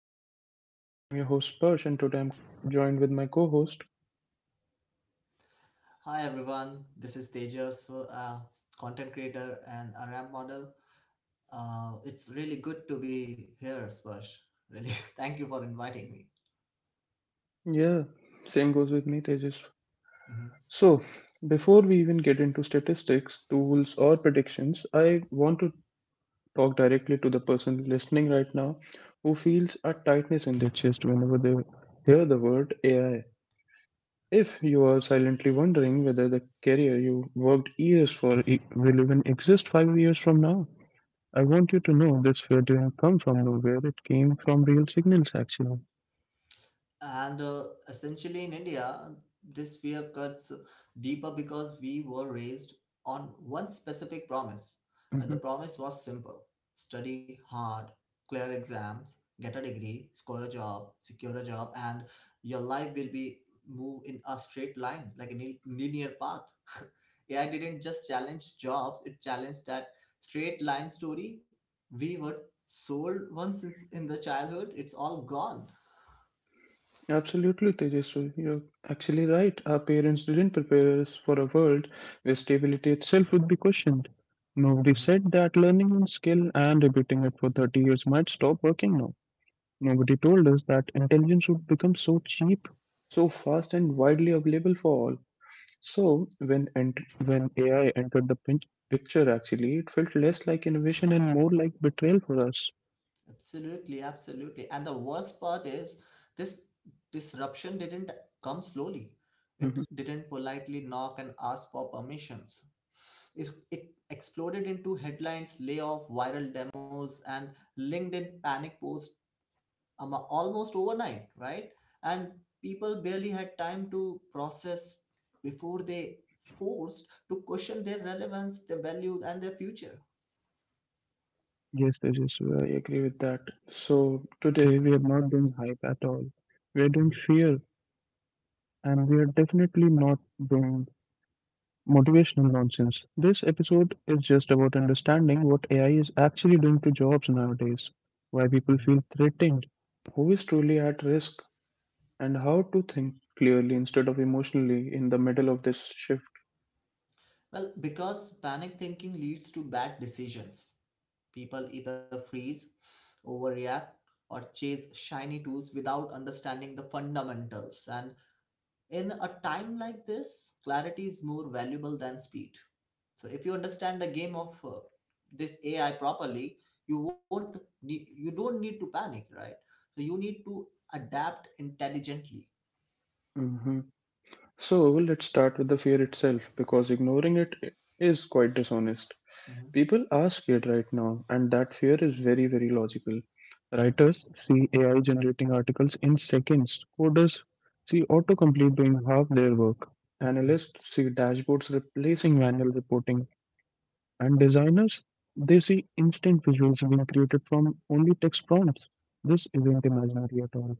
back to my podcast. I'm your host Persh, and today I'm joined with my co host. Hi everyone, this is Tejas, uh, content creator and a ramp model. It's really good to be here, Sparsh. Really, thank you for inviting me. Yeah, same goes with me, Tejas. Mhm. So, before we even get into statistics, tools, or predictions, I want to talk directly to the person listening right now who feels a tightness in their chest whenever they hear the word AI. If you are silently wondering whether the career you worked years for will even exist 5 years from now, I want you to know this fear didn't come from nowhere, it came from real signals actually. And Essentially in India, this fear cuts deeper because we were raised on one specific promise. And the Hmm promise was simple: study hard, clear exams, get a degree, score a job, secure a job, and your life will be move in a straight line, like a linear path. AI didn't just challenge jobs, it challenged that straight line story we were sold once since in the childhood. It's all gone. Absolutely, Tejaswi. You're actually right. Our parents didn't prepare us for a world where stability itself would be questioned. Nobody Mm-hmm. said that learning one skill and repeating it for 30 years might stop working now. Nobody told us that intelligence would become so cheap, so fast and widely available for all. So when AI entered the picture, actually, it felt less like innovation and more like betrayal for us. Absolutely, absolutely. And the worst part is this disruption didn't come slowly. Mhm. It didn't politely knock and ask for permissions. It exploded into headlines, layoff, viral demos, and LinkedIn panic posts almost overnight, right? And people barely had time to process before they forced to question their relevance, their value, and their future. Yes, Tejas, well, I agree with that. So today we are not doing hype at all. We are doing Mhm, fear, and we are definitely not doing motivational nonsense. This episode is just about understanding what AI is actually doing to jobs nowadays, why people mhm. feel threatened, who is truly at risk, and how to think clearly instead of emotionally in the middle of this shift. Well, because panic thinking leads to bad decisions. People either freeze, overreact, or chase shiny tools without understanding the fundamentals. And in a time like this, clarity is more valuable than speed. So if you understand the game of this AI properly, you won't you don't need to panic, right? So you need to adapt intelligently. Mhm. So let's start with the fear itself because ignoring it is quite dishonest. Mhm. People are scared right now, and that fear is very, very logical. Writers see AI generating articles in seconds, coders see autocomplete doing half their work, Mhm. analysts see dashboards replacing manual reporting. And designers, they see instant visuals being created from only text prompts. This isn't imaginary at all.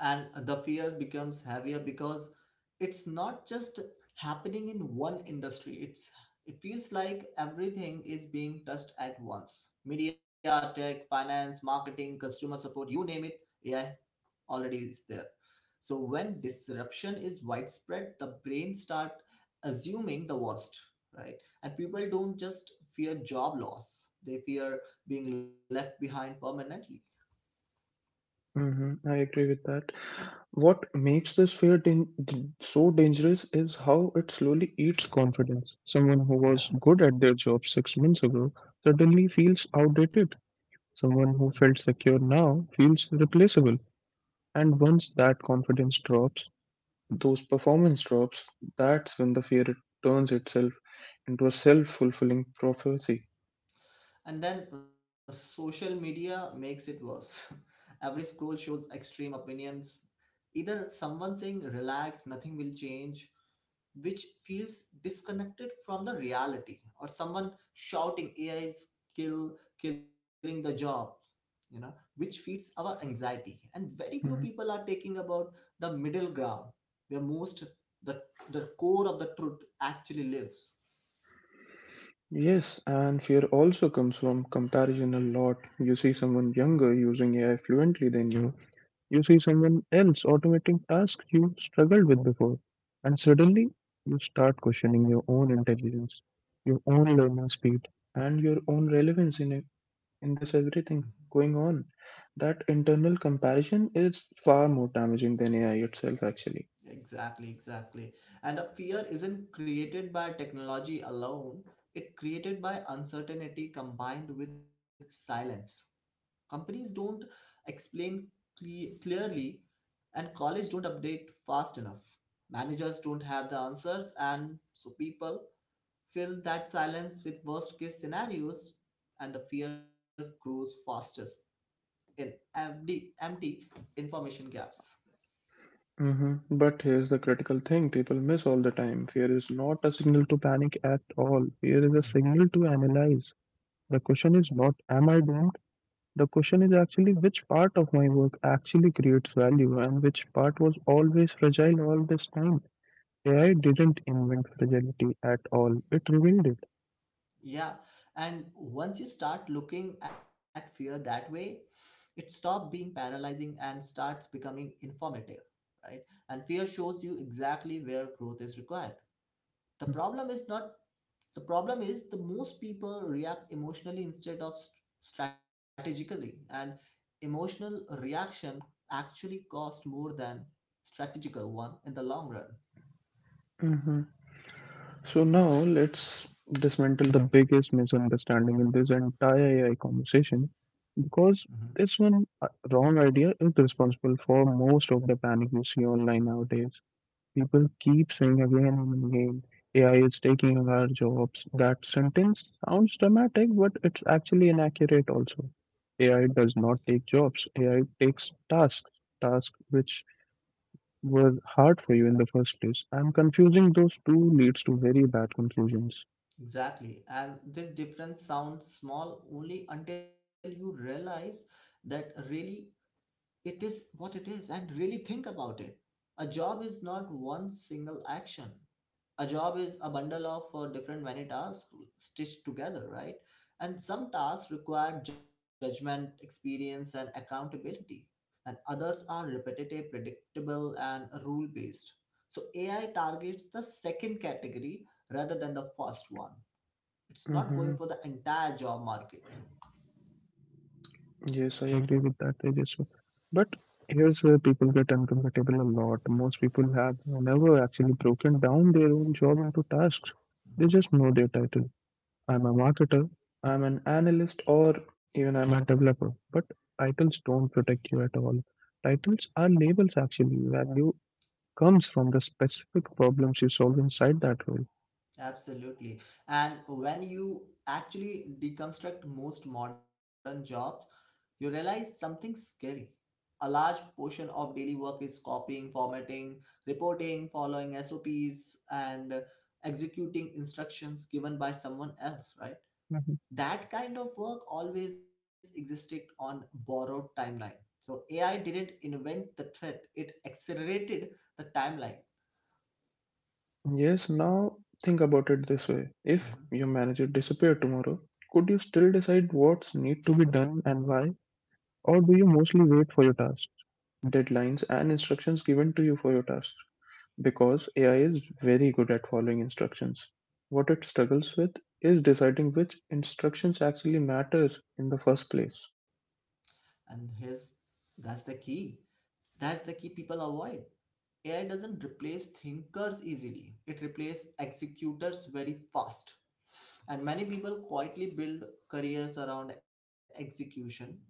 And the fear becomes heavier because it's not just happening in one industry. It's it feels like everything is being touched at once: media, tech, finance, marketing, customer support, you name it. AI already is there. So when disruption is widespread, the brain start assuming the worst, right? And people don't just fear job loss, they fear being left behind permanently. Hmm I agree with that. What makes this fear so dangerous is how it slowly eats confidence. Someone who Yeah. was good at their job 6 months ago suddenly feels outdated. Mhm. Someone who felt secure now feels replaceable. And once that confidence drops, those performance drops. That's when the fear turns itself into a self fulfilling prophecy. And then social media makes it worse. Every scroll shows extreme opinions. Either someone saying, relax, nothing will change, which feels disconnected from the reality, or someone shouting, AI is kill, killing the job, you know, which feeds our anxiety. And very few people Mhm. are taking about the middle ground, where the, the core of the truth actually lives. Yes, and fear also comes from comparison a lot. You see Mhm. someone younger using AI fluently than you. You see someone else automating tasks you struggled with before. And suddenly, you start questioning your own intelligence, your own learning speed, and your own relevance in it, in this everything going on. That internal comparison is far more damaging than AI itself, actually. Exactly, exactly. And a fear isn't created by technology alone, it created by uncertainty combined with silence. Companies don't explain clearly and college don't update fast enough. Managers don't have the answers and so people fill that silence with worst case scenarios and the fear grows fastest in empty information gaps. Hmm But here's the critical thing people miss all the time. Fear is not a signal to panic at all. Fear is a Mm-hmm. signal to analyze. The question is not, am I doomed? The question is actually, which part of my work actually creates value and which part was always fragile all this time? AI didn't invent fragility at all, it revealed it. Yeah, and once you start looking at fear that way, it stops being paralyzing and starts becoming informative, right? And fear shows you exactly where growth is required. The problem is not The problem is the most people react emotionally instead of strategically, and emotional reaction actually cost more than strategical one in the long run. Hmm So now let's dismantle the biggest misunderstanding in this entire AI conversation Hmm. because this one wrong idea is responsible for most of the panic you see online nowadays. People keep saying again and again, AI is taking our jobs. That sentence sounds dramatic, but it's actually inaccurate also. AI Okay. does not take jobs. AI takes tasks, tasks which were hard for you in the first place. I'm confusing those two leads to very bad conclusions. Exactly. And this difference sounds small only until you realize that really it is what it is and really think about it. A job is not one single action. A job is a bundle of different many tasks stitched together, right? And some tasks require judgment, experience, and accountability, and others are repetitive, predictable, and rule based. So AI targets the second category rather than the first one. It's not going Mm-hmm. for the entire job market. Yes, I agree with that, Tejas. But here's where people get uncomfortable a lot. Most people have never actually broken down their own job into tasks. They Mhm. just know their title. I'm a marketer, I'm an analyst, or even I'm a developer. But titles don't protect you at all. Titles are labels actually. Value comes from the specific problems you solve inside that role. Absolutely. And when you actually deconstruct most modern jobs, you realize something scary: a large portion of daily work is copying, formatting, reporting, following sops, and executing instructions given by someone else, right? That kind of work always existed on borrowed timeline. So AI didn't invent the threat, it accelerated the timeline. Yes, now think about it this way. If your manager disappeared tomorrow, could you still decide what's need to be done and why? Or do you mostly wait for your tasks, deadlines, and instructions given to you for your tasks? Because AI is very good at following instructions. What it struggles with is deciding which instructions actually matters in the first place. And his That's the key people avoid. AI doesn't replace thinkers easily, it replaces executors very fast. And many people quietly build careers around execution, not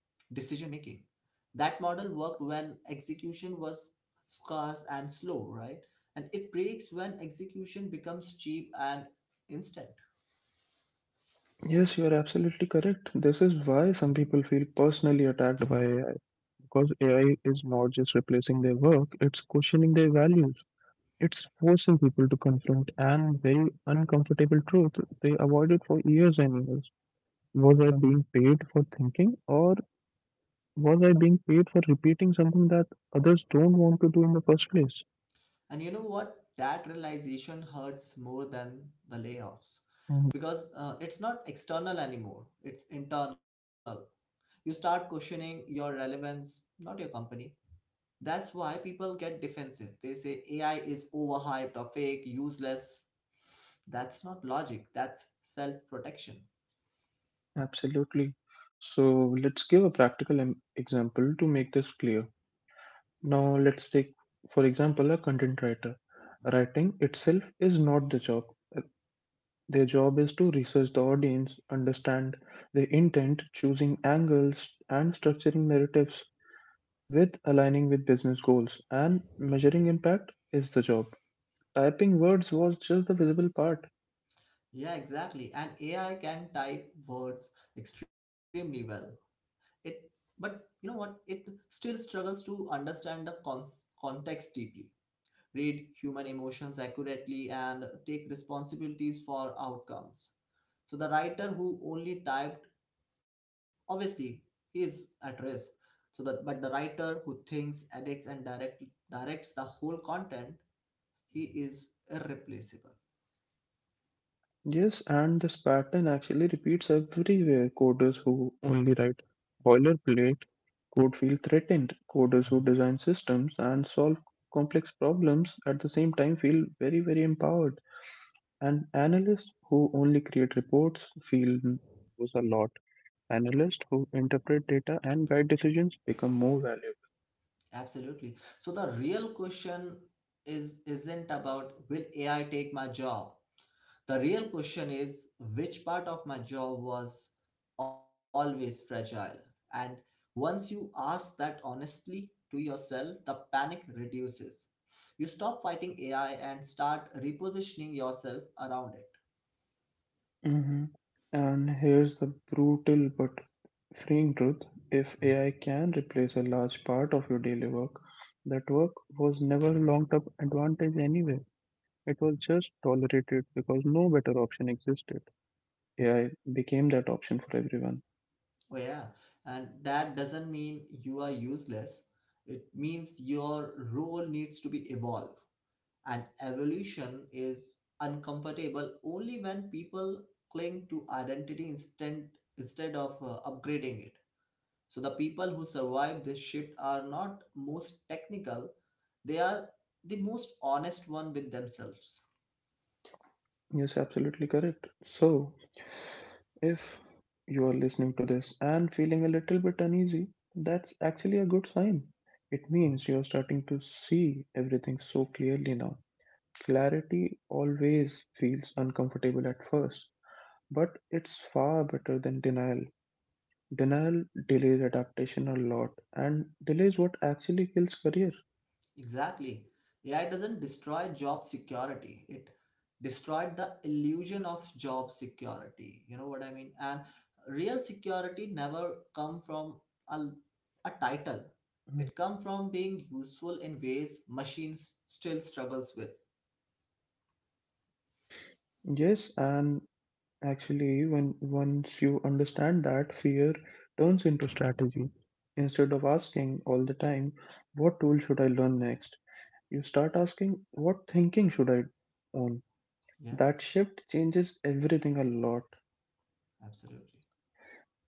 decision making. That model worked when execution was scarce and slow, right? And it breaks when execution becomes cheap and instant. Yes, you are absolutely correct. This is Mhm. why some people feel personally attacked by AI because AI is not just replacing their work, it's questioning their value. It's forcing people to confront an very uncomfortable truth they avoided for years and years. Was I being paid for thinking, or was I being paid for repeating something that others don't want to do in the first place? And you know what? That realization hurts more than the layoffs Mhm. because it's not external anymore, it's internal. You start questioning your relevance, not your company. That's why people get defensive. They say AI is overhyped or fake, useless. That's not logic, that's self protection. Absolutely. So let's give a practical example to make this clear. Now, let's take, for example, a content writer. Writing itself is not the job. Their job is to research the audience, understand their intent, choosing angles, and structuring narratives with aligning with business goals, and measuring impact is the job. Typing words was just the visible part. Yeah, exactly. And AI can type words extremely well. It, but you know what? It still struggles to understand the context deeply, read human emotions accurately, and take responsibilities for outcomes. So the writer who only typed, obviously, he is at risk. So that, but the writer who thinks, edits, and directs the whole content, he is irreplaceable. Yes, and this pattern actually repeats everywhere. Coders Mhm. who only write boilerplate code feel threatened. Coders Mhm. who design systems and solve complex problems at the same time feel very, very empowered. And analysts who only create reports feel lose a lot. Analysts who interpret data and guide decisions become more valuable. Absolutely. So the real question is isn't about will AI take my job? The real question is which part of my job was always fragile? And once you ask that honestly to yourself, the panic reduces. You stop fighting AI and start repositioning yourself around it. Hmm And here's the brutal but freeing truth, if Mhm. AI can replace a large part of your daily work, that work was never a long term advantage anyway. It was just tolerated because no better option existed. AI became that option for everyone. Oh, yeah. And that doesn't mean you are useless, it means your role needs to be evolved. And evolution is uncomfortable only when people cling to identity instead of upgrading it. So the people who survive this shift are not most technical, they are the most honest one with themselves. Yes, absolutely correct. So, if you are listening to this and feeling a little bit uneasy, that's actually a good sign. It means you're starting to see everything so clearly now. Clarity always feels uncomfortable at first, but it's far better than denial. Denial delays adaptation a lot and delays what actually kills career. Exactly. AI doesn't destroy job security. It destroyed the illusion of job security. You know what I mean? And real security never come from a, a title. Mhm. It come from being useful in ways machines still struggles with. Yes, and actually, when once you understand that, fear turns into strategy. Instead of asking all the time, what tool should I learn next? You start asking, what thinking should I own? Yeah, That shift changes everything a lot. absolutely.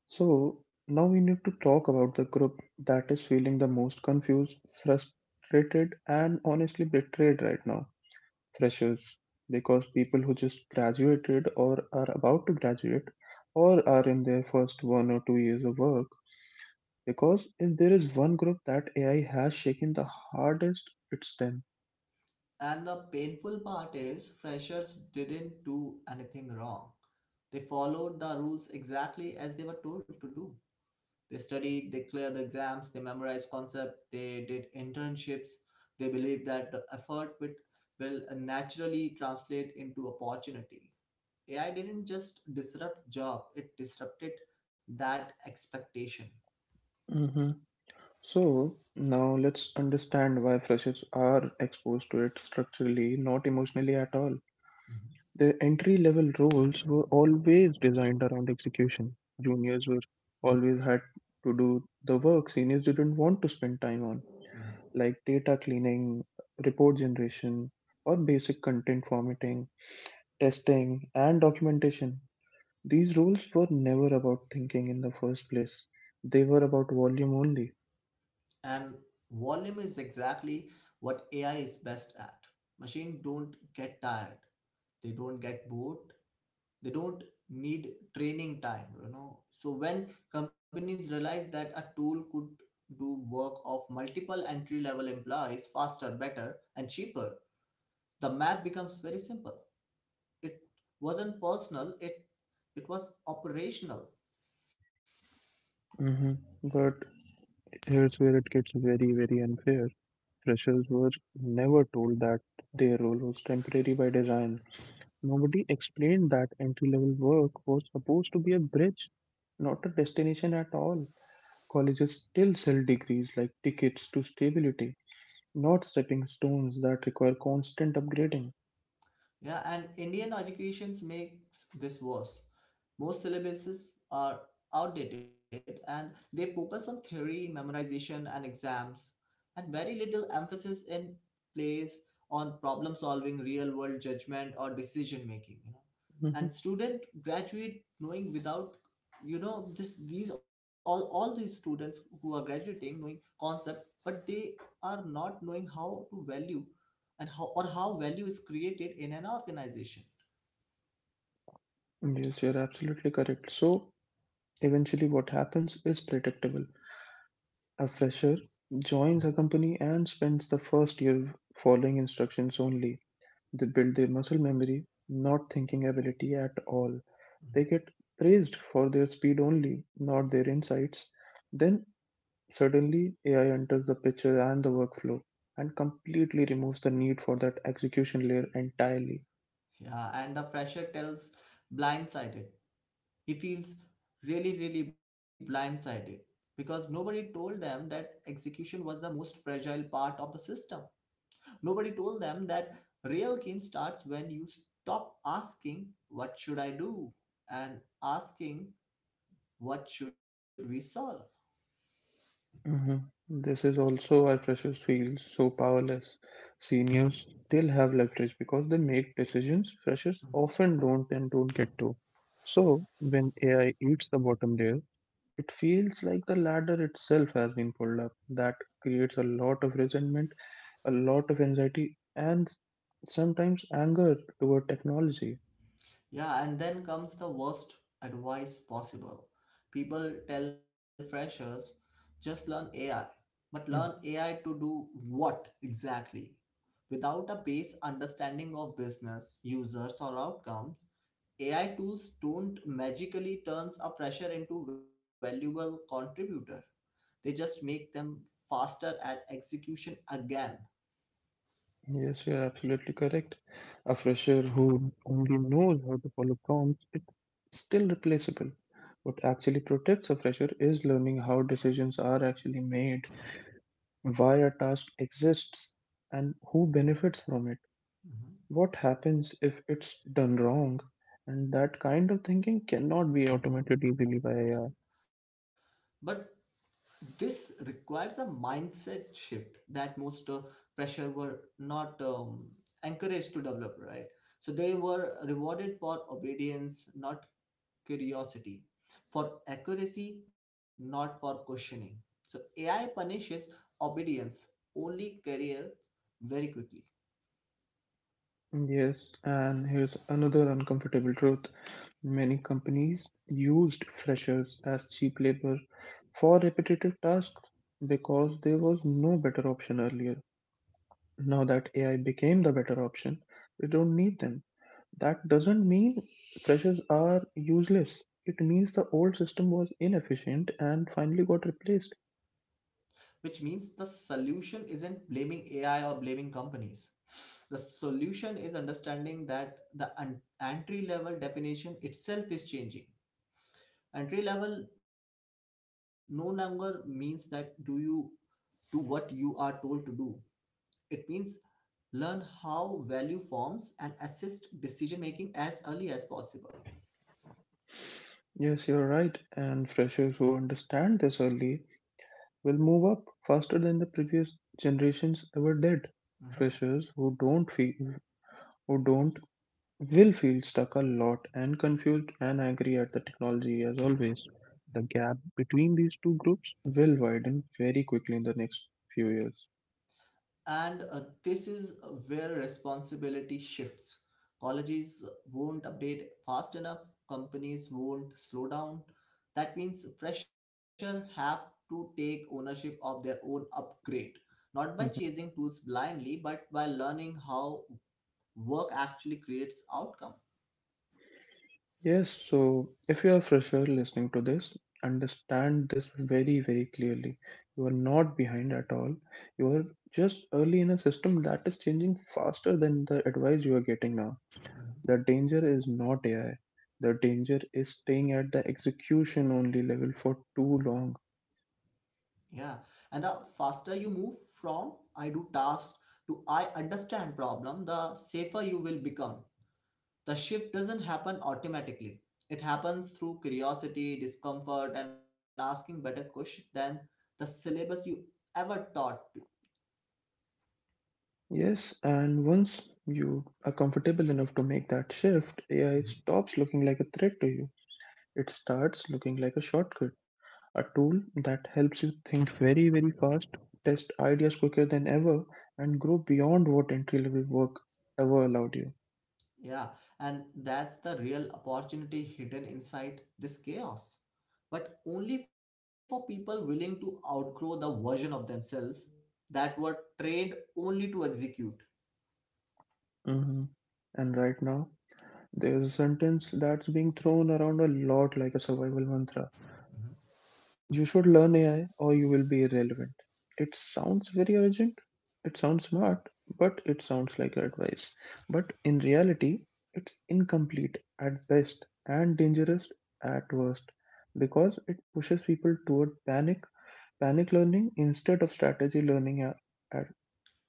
So, now we need to talk about the group that is feeling the most confused, frustrated, and honestly betrayed right now. Freshers, because people who just graduated or are about to graduate or are in their first 1 or 2 years of work, because if there is one group that AI has shaken the hardest, it's them. And the painful part is freshers didn't do anything wrong. They followed the rules exactly as they were told to do. They studied, they cleared the exams, they memorized concepts, they did internships. They believed that will naturally translate into opportunity. AI didn't just disrupt job, it disrupted that expectation. Hmm So now let's understand why freshers are exposed to it structurally, not emotionally at all. Mhm. The entry level roles were always designed around execution. Juniors were always had to do the work seniors didn't want to spend time on, Mhm. like data cleaning, report generation, or basic content formatting, testing, and documentation. These roles were never about thinking in the first place, they were about volume only. And volume is exactly what AI is best at. Machine don't get tired, they don't get bored, they don't need training time, you know. So when companies realize that a tool could do work of multiple entry level employees faster, better, and cheaper, the math becomes very simple. It wasn't personal, it was operational. Hmm But here's where it gets very, very unfair. Freshers were never told that their role was temporary by design. Nobody explained that entry level work was supposed to be a bridge, not a destination at all. Colleges still sell degrees like tickets to stability, not stepping stones that require constant upgrading. Yeah, and Indian educations makes this worse. Most syllabuses are outdated and they focus on theory, memorization, and exams, and very little emphasis in place on problem solving, real world judgment, or decision making. You know, Mhm. and student graduate knowing without you know this these all these students who are graduating knowing concept, but they are not knowing how to value and how or how value is created in an organization. Yes, you're absolutely correct. So, eventually, what happens is predictable. A fresher Mhm, joins a company and spends the first year following instructions only. They build their muscle memory, not thinking ability at all. They mhm. get praised for their speed only, not their insights. Then, suddenly, AI enters the picture and the workflow and completely removes the need for that execution layer entirely. Yeah, and the fresher tells blindsided. He feels really, really blindsided because nobody told them that execution was the most fragile part of the system. Nobody told them that real game starts when you stop asking, what should I do? And asking, what should we solve? Mhm. This is also why freshers feel so powerless. Seniors still have leverage because they make decisions freshers often don't and don't get to. So, when AI eats the bottom layer, it feels like the ladder itself has been pulled up. That creates a lot of resentment, a lot of anxiety, and sometimes anger toward technology. Yeah, and then comes the worst advice possible. People tell freshers, just learn AI. But learn AI to do what exactly? Without a base understanding of business, users, or outcomes, AI tools don't magically turns a fresher into valuable contributor. They just make them faster at execution again. Yes, you're absolutely correct. A fresher who only knows how to follow prompts is still replaceable. What actually protects a fresher is learning how decisions are actually made, why a task exists, and who benefits from it. Mhm. What happens if it's done wrong? And that kind of thinking cannot be automated easily by AI. But this requires a mindset shift that most pressure were not encouraged to develop, right? So they were rewarded for obedience, not curiosity, for accuracy, not for questioning. So AI punishes obedience only careers very quickly. Yes, and here's another uncomfortable truth. Many companies used freshers as cheap labor for repetitive tasks because there was no better option earlier. Now that AI became the better option, we don't need them. That doesn't mean freshers are useless. It means the old system was inefficient and finally got replaced. Which means the solution isn't blaming AI or blaming companies. The solution is understanding that the entry level definition itself is changing. Entry level no longer means that do you do what you are told to do. It means learn how value forms and assist decision making as early as possible. Yes, you're right. And freshers who understand this early will move up faster than the previous generations ever did. Mhm. Freshers who don't will feel stuck a lot and confused and angry at the technology as always. The gap between these two groups will widen very quickly in the next few years. And this is where responsibility shifts. Colleges won't update fast enough, companies won't slow down. That means fresher have to take ownership of their own upgrade, not by Mhm. chasing tools blindly, but by learning how work actually creates outcome. Yes, so if you are a fresher listening to this, understand this very, very clearly. You are not behind at all. You are just early in a system that is changing faster than the advice you are getting now. Mhm. The danger is not AI. The danger is staying at the execution only level for too long. Yeah, and the faster you move from I do tasks to I understand problem, the safer you will become. The shift doesn't happen automatically. It happens through curiosity, discomfort, and asking better questions than the syllabus you ever taught. Yes, and once you are comfortable enough to make that shift, AI Mhm. stops looking like a threat to you. It starts looking like a shortcut, a tool that helps you think very, very fast, test ideas quicker than ever, and grow beyond what entry level work ever allowed you. Yeah, and that's the real opportunity hidden inside this chaos. But only for people willing to outgrow the version of themselves that were trained only to execute. hmm And right now, there's a sentence that's being thrown around a lot like a survival mantra: you should learn AI or you will be irrelevant. It sounds very urgent, it sounds smart, but it sounds like advice. But in reality, it's incomplete at best and dangerous at worst, because it pushes people toward panic learning instead of strategy learning a,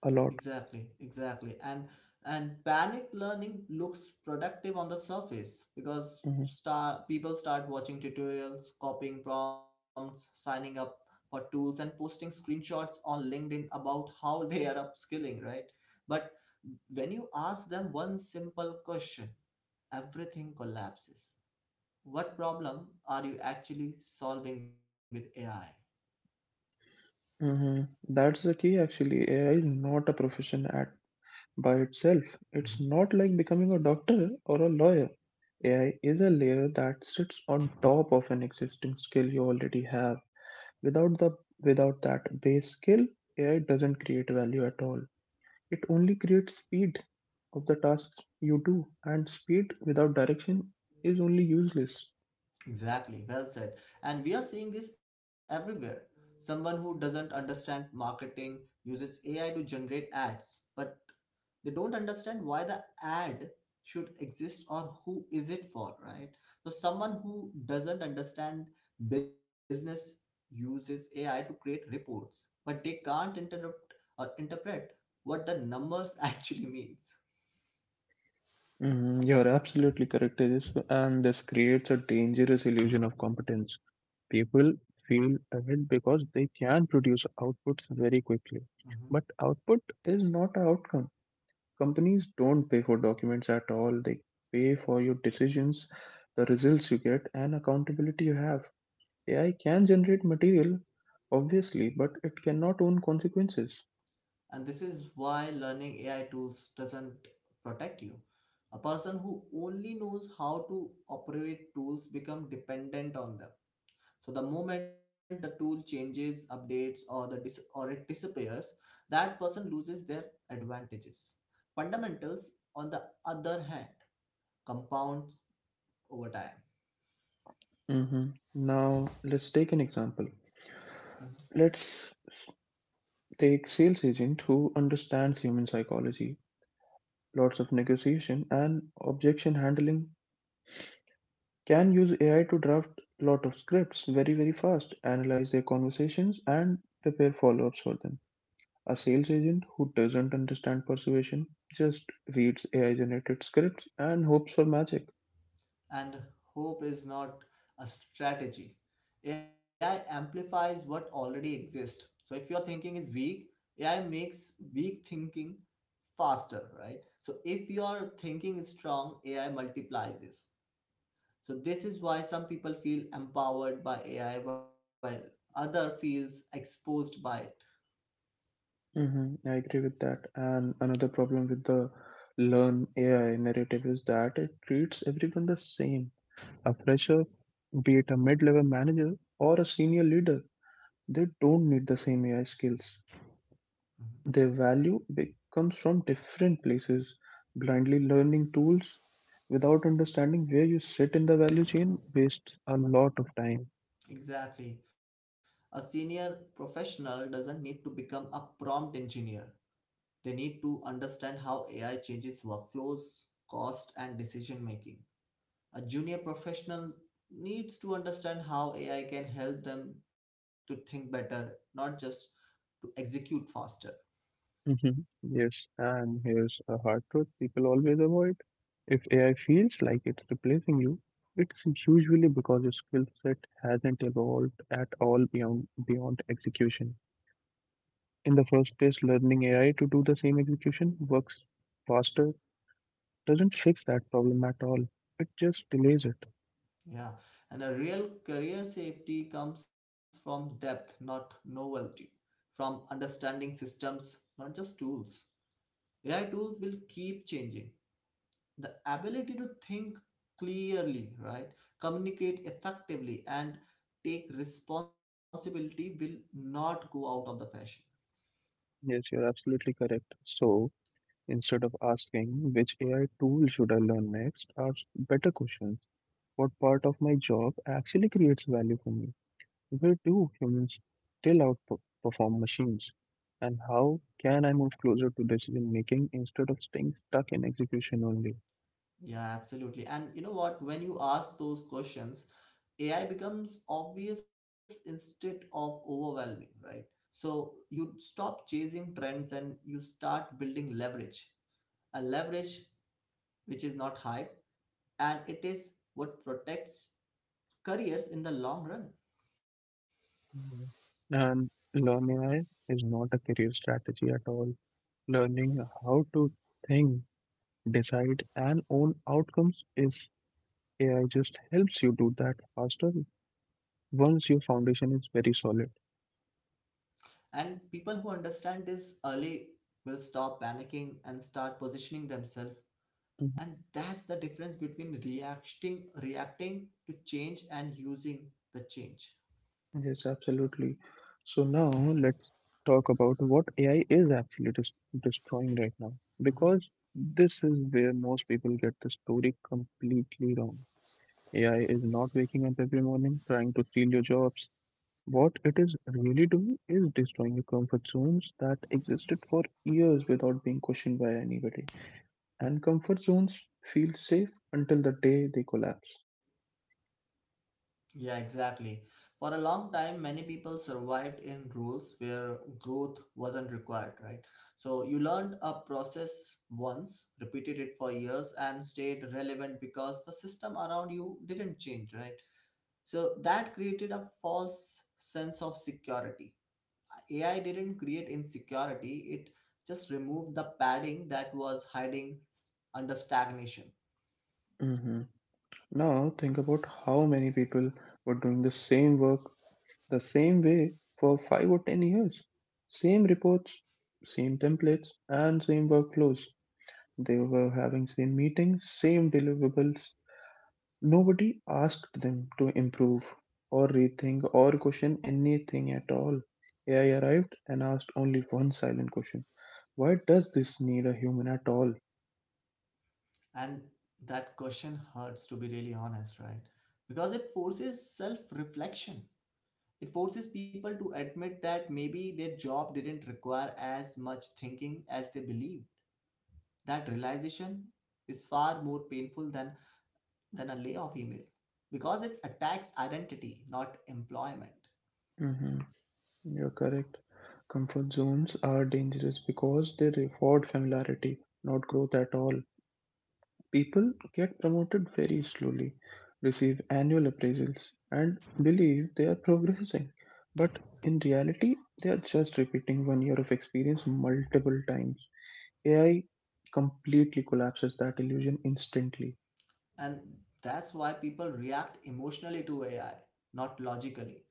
a lot. Exactly, exactly. And panic learning looks productive on the surface because hmm start people start watching tutorials, copying prompts, signing up for tools and posting screenshots on LinkedIn about how they are upskilling, right? But when you ask them one simple question, everything collapses. What problem are you actually solving with AI? hmm That's the key, actually. AI is not a profession at by itself. It's not like becoming a doctor or a lawyer. AI is a layer that sits on top of an existing skill you already have. Without the Without that base skill, AI doesn't create value at all. It only creates speed of the tasks you do, and speed without direction is only useless. Exactly, well said. And we are seeing this everywhere. Someone who doesn't understand marketing uses AI to generate ads, but they don't understand why the ad should exist or who is it for, right? So someone who doesn't understand business uses AI to create reports, but they can't interrupt or interpret what the numbers actually means. Mhm, you're absolutely correct, Tejas, and this creates a dangerous illusion of competence. People feel ahead because they can produce outputs very quickly, but output is not an outcome. Companies don't pay for documents at all. They pay for your decisions, the results you get, and accountability you have. AI can generate material, obviously, but it cannot own consequences. And this is why learning AI tools doesn't protect you. A person who only knows how to operate tools become dependent on them. So the moment the tool changes, updates, or it disappears, that person loses their advantages. Fundamentals, on the other hand, compounds over time. hmm Now, let's take an example. Mm-hmm. Let's s- Take sales agent who understands human psychology, lots of negotiation and objection handling, can use AI to draft lot of scripts very, very fast, analyze their conversations and prepare follow-ups for them. A sales agent who doesn't understand persuasion just reads AI generated scripts and hopes for magic. And hope is not a strategy. AI amplifies what already exists. So if your thinking is weak, AI makes weak thinking faster, right? So if your thinking is strong, AI multiplies it. So this is why some people feel empowered by AI while other feels exposed by it. I agree with that. And another problem with the learn AI narrative is that it treats everyone the same. A fresher, be it a mid level manager or a senior leader, they don't need the same AI skills. Mhm. Their value comes from different places. Blindly learning tools without understanding where you sit in the value chain wastes a lot of time. Exactly. A senior professional doesn't need to become a prompt engineer. They need to understand how AI changes workflows, cost, and decision making. A junior professional needs to understand how AI can help them to think better, not just to execute faster. Mhm. Yes, and here's a hard truth people always avoid. If AI feels like it's replacing you, it's usually because your skill set hasn't evolved at all beyond execution. In the first place, learning AI to do the same execution works faster doesn't fix that problem at all. It just delays it. Yeah, and a real career safety comes from depth, not novelty, from understanding systems, not just tools. AI tools will keep changing the ability to think clearly, right? Communicate effectively and take responsibility will not go out of the fashion. Yes, you're absolutely correct. So instead of asking which AI tool should I learn next, ask better questions: what part of my job actually creates value for me? Where do humans still outperform machines? And how can I move closer to decision making instead of staying stuck in execution only? Yeah, absolutely. And you know what? When you ask those questions, AI becomes obvious instead of overwhelming, right? So you stop chasing trends and you start building leverage. A leverage which is not hype, and it is what protects careers in the long run. Mhm. And learn AI is not a career strategy at all. Learning how to think, decide, and own outcomes is. AI just helps you do that faster once your foundation is very solid. And people who understand this early will stop panicking and start positioning themselves. And that's the difference between reacting to change and using the change. Yes, absolutely. So now let's talk about what AI is actually destroying right now, because Mhm. this is where most people get the story completely wrong. AI is not waking up every morning trying to steal your jobs. What it is really doing is destroying your comfort zones that existed for years without being questioned by anybody. And comfort zones feel safe until the day they collapse. Yeah, exactly. For a long time, many people survived in rules where growth wasn't required, right? So you learned a process once, repeated it for years, and stayed relevant because the system around you didn't change, right? So that created a false sense of security. AI didn't create insecurity, it just removed the padding that was hiding under stagnation. hmm Now think about how many people were doing the same work the same way for 5 or 10 years. Same reports, same templates, and same workflows. They were having same meetings, same deliverables. Nobody asked them to improve or rethink or question anything at all. AI arrived and asked only one silent question: why does this need a human at all? And that question hurts, to be really honest, right? Because it forces self reflection. It forces people to admit that maybe their job didn't require as much thinking as they believed. That realization is far more painful than a layoff email because it attacks identity, not employment. hmm You're correct. Comfort zones are dangerous because they reward familiarity, not growth at all. People get promoted very slowly, receive annual appraisals, and believe they are progressing. But in reality, they are just repeating one year of experience multiple times. AI completely collapses that illusion instantly. And that's why people react emotionally to AI, not logically.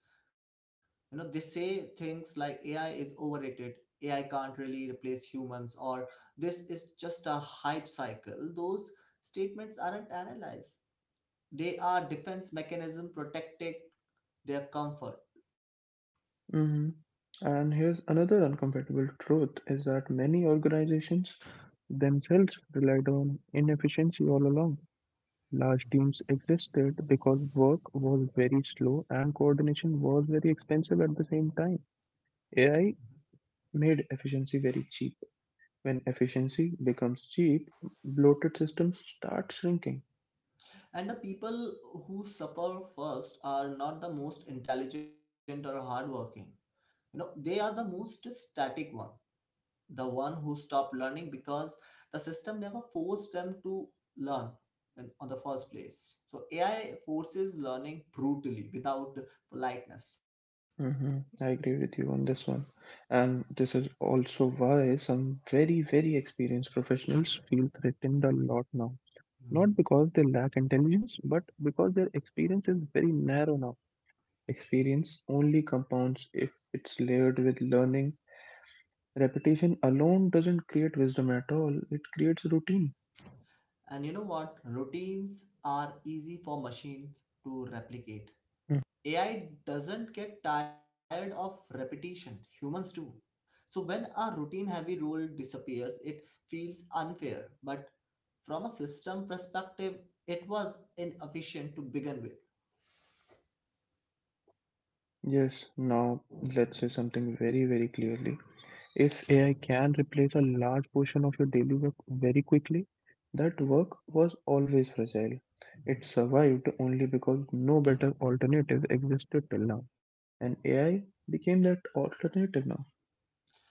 You know, they say things like AI is overrated, AI can't really replace humans, or this is just a hype cycle. Those statements aren't analyzed, they are defense mechanism protecting their comfort. hmm And here's another uncomfortable truth is that many organizations themselves relied on inefficiency all along. Large teams existed because work was very slow and coordination was very expensive at the same time. AI made efficiency very cheap. When efficiency becomes cheap, bloated systems start shrinking. And the people who suffer first are not the most intelligent or hardworking. You know, they are the most static one, the one who stop learning because the system never forced them to learn on the first place. So AI forces learning brutally without politeness. I agree with you on this one. And this is also why some very, very experienced professionals feel threatened a lot now. Mhm. Not because they lack intelligence, but because their experience is very narrow now. Experience only compounds if it's layered with learning. Repetition alone doesn't create wisdom at all, it creates routine. And you know what, routines are easy for machines to replicate. Mm. AI doesn't get tired of repetition, humans do. So when a routine heavy role disappears, it feels unfair, but from a system perspective, it was inefficient to begin with. Yes, now let's say something very, very clearly. If AI can replace a large portion of your daily work very quickly, that work was always fragile. Mhm. It survived only because no better alternative existed till now. And AI became that alternative now.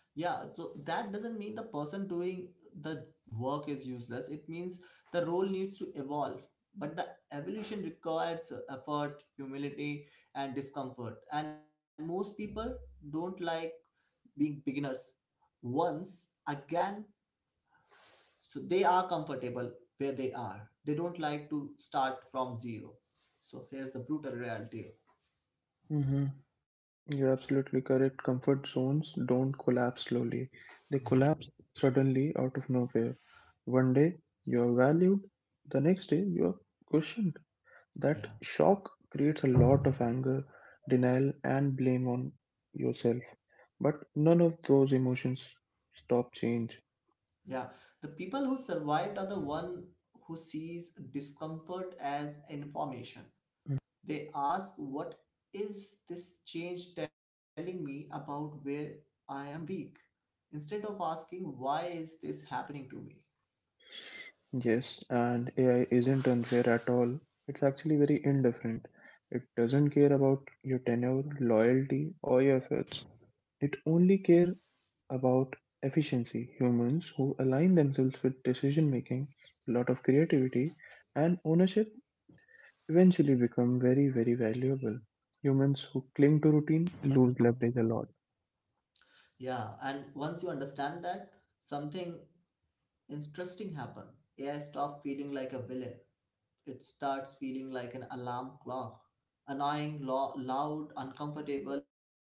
Yeah, so that doesn't mean the person doing the work is useless. It means the role needs to evolve. But the evolution requires effort, humility, and discomfort. And most people don't like being beginners once again. So they are comfortable where they are. They don't like to start from zero. So here's the brutal reality. Mm-hmm. You're absolutely correct. Comfort zones don't collapse slowly, they collapse suddenly out of nowhere. One day you are valued, the next day you are questioned. That Yeah. shock creates a lot of anger, denial, and blame on yourself. But none of those emotions stop change. Yeah, the people who survived are the one who sees discomfort as information. They ask, "What is this change telling me about where I am weak?" instead of asking, "Why is this happening to me?" Yes, and AI isn't unfair at all. It's actually very indifferent. It doesn't care about your tenure, loyalty, or your efforts. It only care about efficiency. Humans who align themselves with decision making, a lot of creativity, and ownership eventually become very, very valuable. Humans who cling to routine lose leverage a lot. Yeah, and once you understand that, something interesting happened. AI stopped feeling like a villain. It starts feeling like an alarm clock, annoying, loud, uncomfortable, but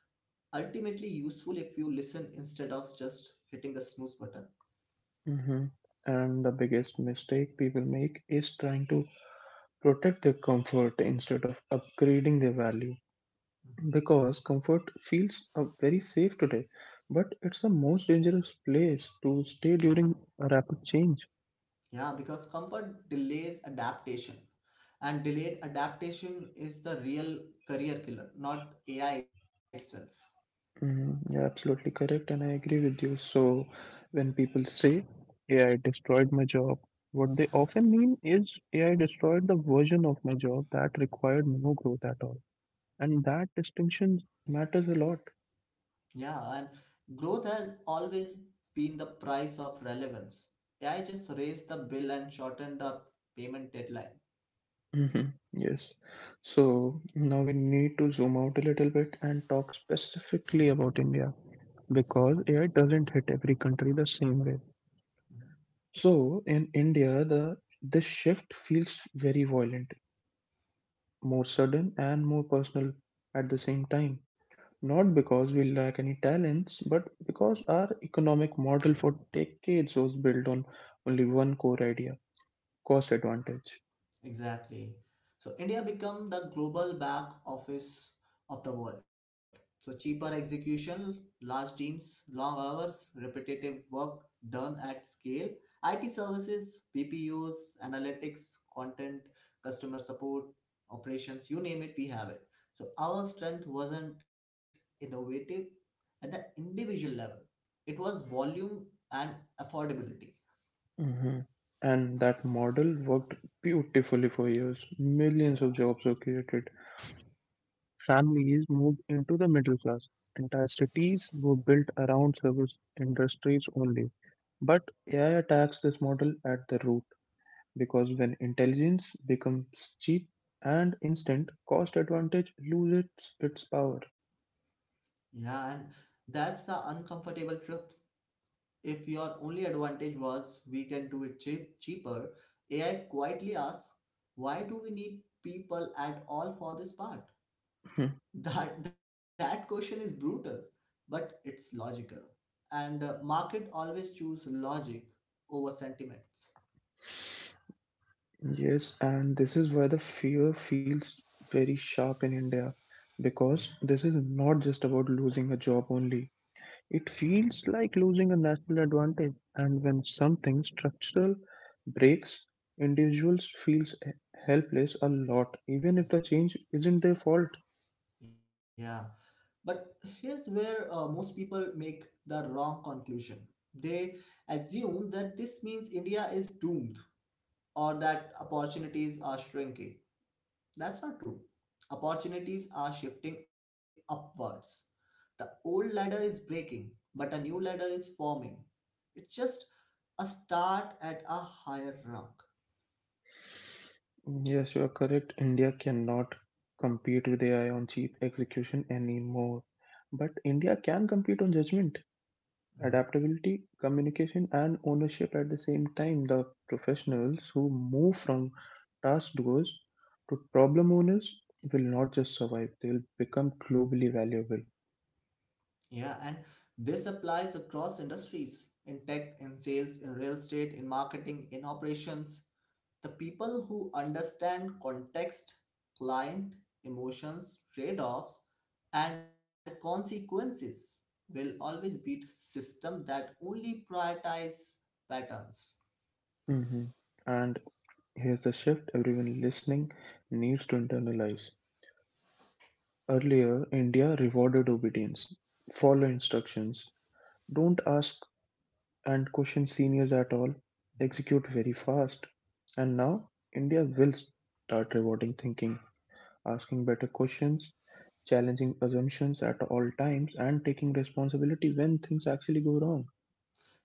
ultimately useful if you listen instead of just hitting the snooze button. hmm And the biggest mistake people make is trying to protect their comfort instead of upgrading their value, Mhm. because comfort feels very safe today but it's the most dangerous place to stay during a rapid change. Yeah, because comfort delays adaptation, and delayed adaptation is the real career killer, not AI itself. Mm, you're absolutely correct and I agree with you. So when people say AI destroyed my job, what they often mean is AI destroyed the version of my job that required no growth at all, and that distinction matters a lot. Yeah, and growth has always been the price of relevance. AI just raised the bill and shortened the payment deadline. Mhm. Yes. So now we need to zoom out a little bit and talk specifically about India, Okay. because AI doesn't hit every country the same way. Mhm. So in India, the this shift feels very violent, more sudden and more personal at the same time. Not because we lack any talents, but because our economic model for decades was built on only one core idea: cost advantage. Exactly. So India become the global back office of the world. So cheaper execution, large teams, long hours, repetitive work done at scale, IT services, BPUs, analytics, content, customer support, operations, you name it, we have it. So our strength wasn't innovative at the individual level. It was volume and affordability. Mhm. And that model worked beautifully for years. Millions of Yeah, jobs were created. Families moved into the middle class. Entire cities were built around service industries only. But AI attacks this model at the root because when intelligence becomes cheap and instant, cost advantage loses its power. yeah, and that's the uncomfortable truth. If your only advantage was we can do it cheap, cheaper, AI quietly asks, why do we need people at all for this part? Hmm. That question is brutal, but it's logical. And market always choose logic over sentiments. Yes, and this is why the fear feels very sharp in India, because this is not just about losing a job only. It feels like losing a natural advantage, and when something structural breaks, individuals feels helpless a lot, even if the change isn't their fault. Yeah, but here's where most people make the wrong conclusion. They assume that this means India is doomed or that opportunities are shrinking. That's not true. Opportunities are shifting upwards. The old ladder is breaking, but a new ladder is forming. It's just a start at a higher rung. Yes, you are correct. India cannot compete with AI on cheap execution anymore, but India can compete on judgment, Mhm. adaptability, communication, and ownership at the same time. The professionals who move from task doers to problem owners will not just survive, they'll become globally valuable. Yeah, and this applies across industries in tech, in sales, in real estate, in marketing, in operations. The people who understand context, client, emotions, trade offs, and consequences will always beat system that only prioritize patterns. hmm And here's the shift everyone listening needs to internalize. Earlier, India rewarded obedience: follow instructions, don't ask and question seniors at all, execute very fast. And now, India will start rewarding thinking: asking better questions, challenging assumptions at all times, and taking responsibility when things actually go wrong.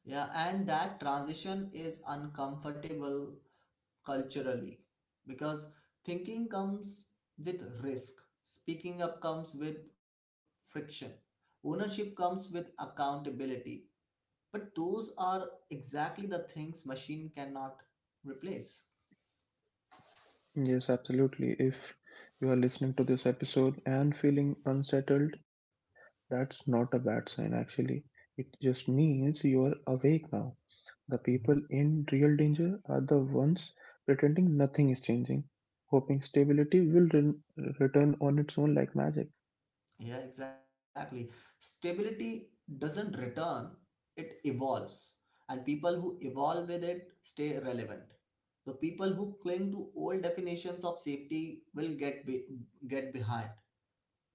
Yeah, and that transition is uncomfortable culturally because thinking comes with risk, speaking up comes with friction, ownership comes with accountability. But those are exactly the things machine cannot replace. Yes, absolutely. If you are listening to this episode and feeling unsettled, that's not a bad sign, actually. It just means you are awake now. The Mhm. people in real danger are the ones pretending nothing is changing, hoping stability will return on its own like magic. Yeah, exactly. Stability doesn't return, it evolves. And people who evolve with it stay relevant. So people who cling to old definitions of safety will get behind.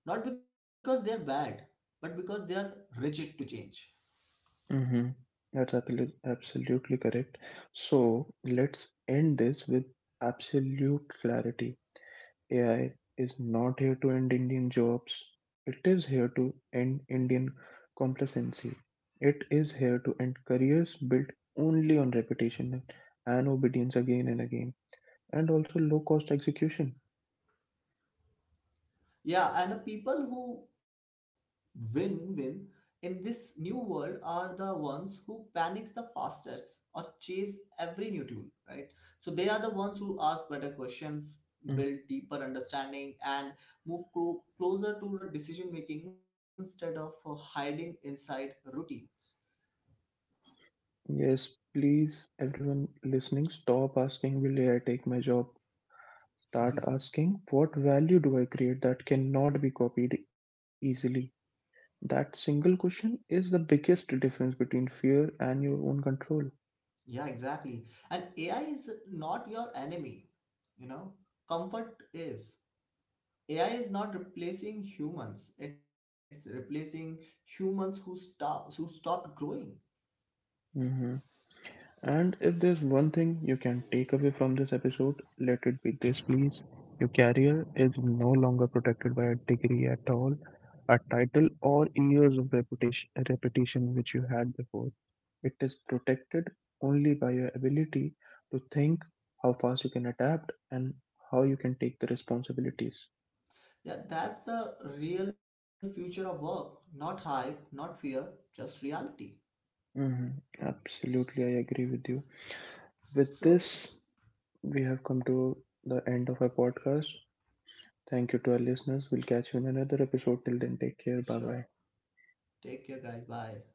Not because they're bad, but because they're rigid to change. Mm-hmm. That's absolutely correct. So let's end this with absolute clarity. AI is not here to end Indian jobs. It is here to end Indian complacency. It is here to end careers built only on repetition and obedience again and again, and also low cost execution. Yeah, and the people who win in this new world are the ones who panics the fastest or chase every new tool, right? So they are the ones who ask better questions, Mhm. build deeper understanding, and move closer to the decision making instead of hiding inside routine. Yes, please, everyone listening, stop asking, will AI take my job? Start asking, what value do I create that cannot be copied easily? That single question is the biggest difference between fear and your own control. Yeah, exactly. And AI is not your enemy, you know, comfort is. AI is not replacing humans. It's replacing humans who stop who stopped growing. And if there's one thing you can take away from this episode, let it be this, please. Your career is no longer protected by a degree at all, a title, or years of reputation which you had before. It is protected only by your ability to think, how fast you can adapt, and how you can take the responsibilities. Yeah, that's the real future of work. Not hype, not fear, just reality. hmm Absolutely, I agree S- with you. With this, So, we have come to the end of our podcast. Thank you to our listeners. We'll catch you in another episode. Till then, take care. Bye bye. sure. Take care, guys. Bye.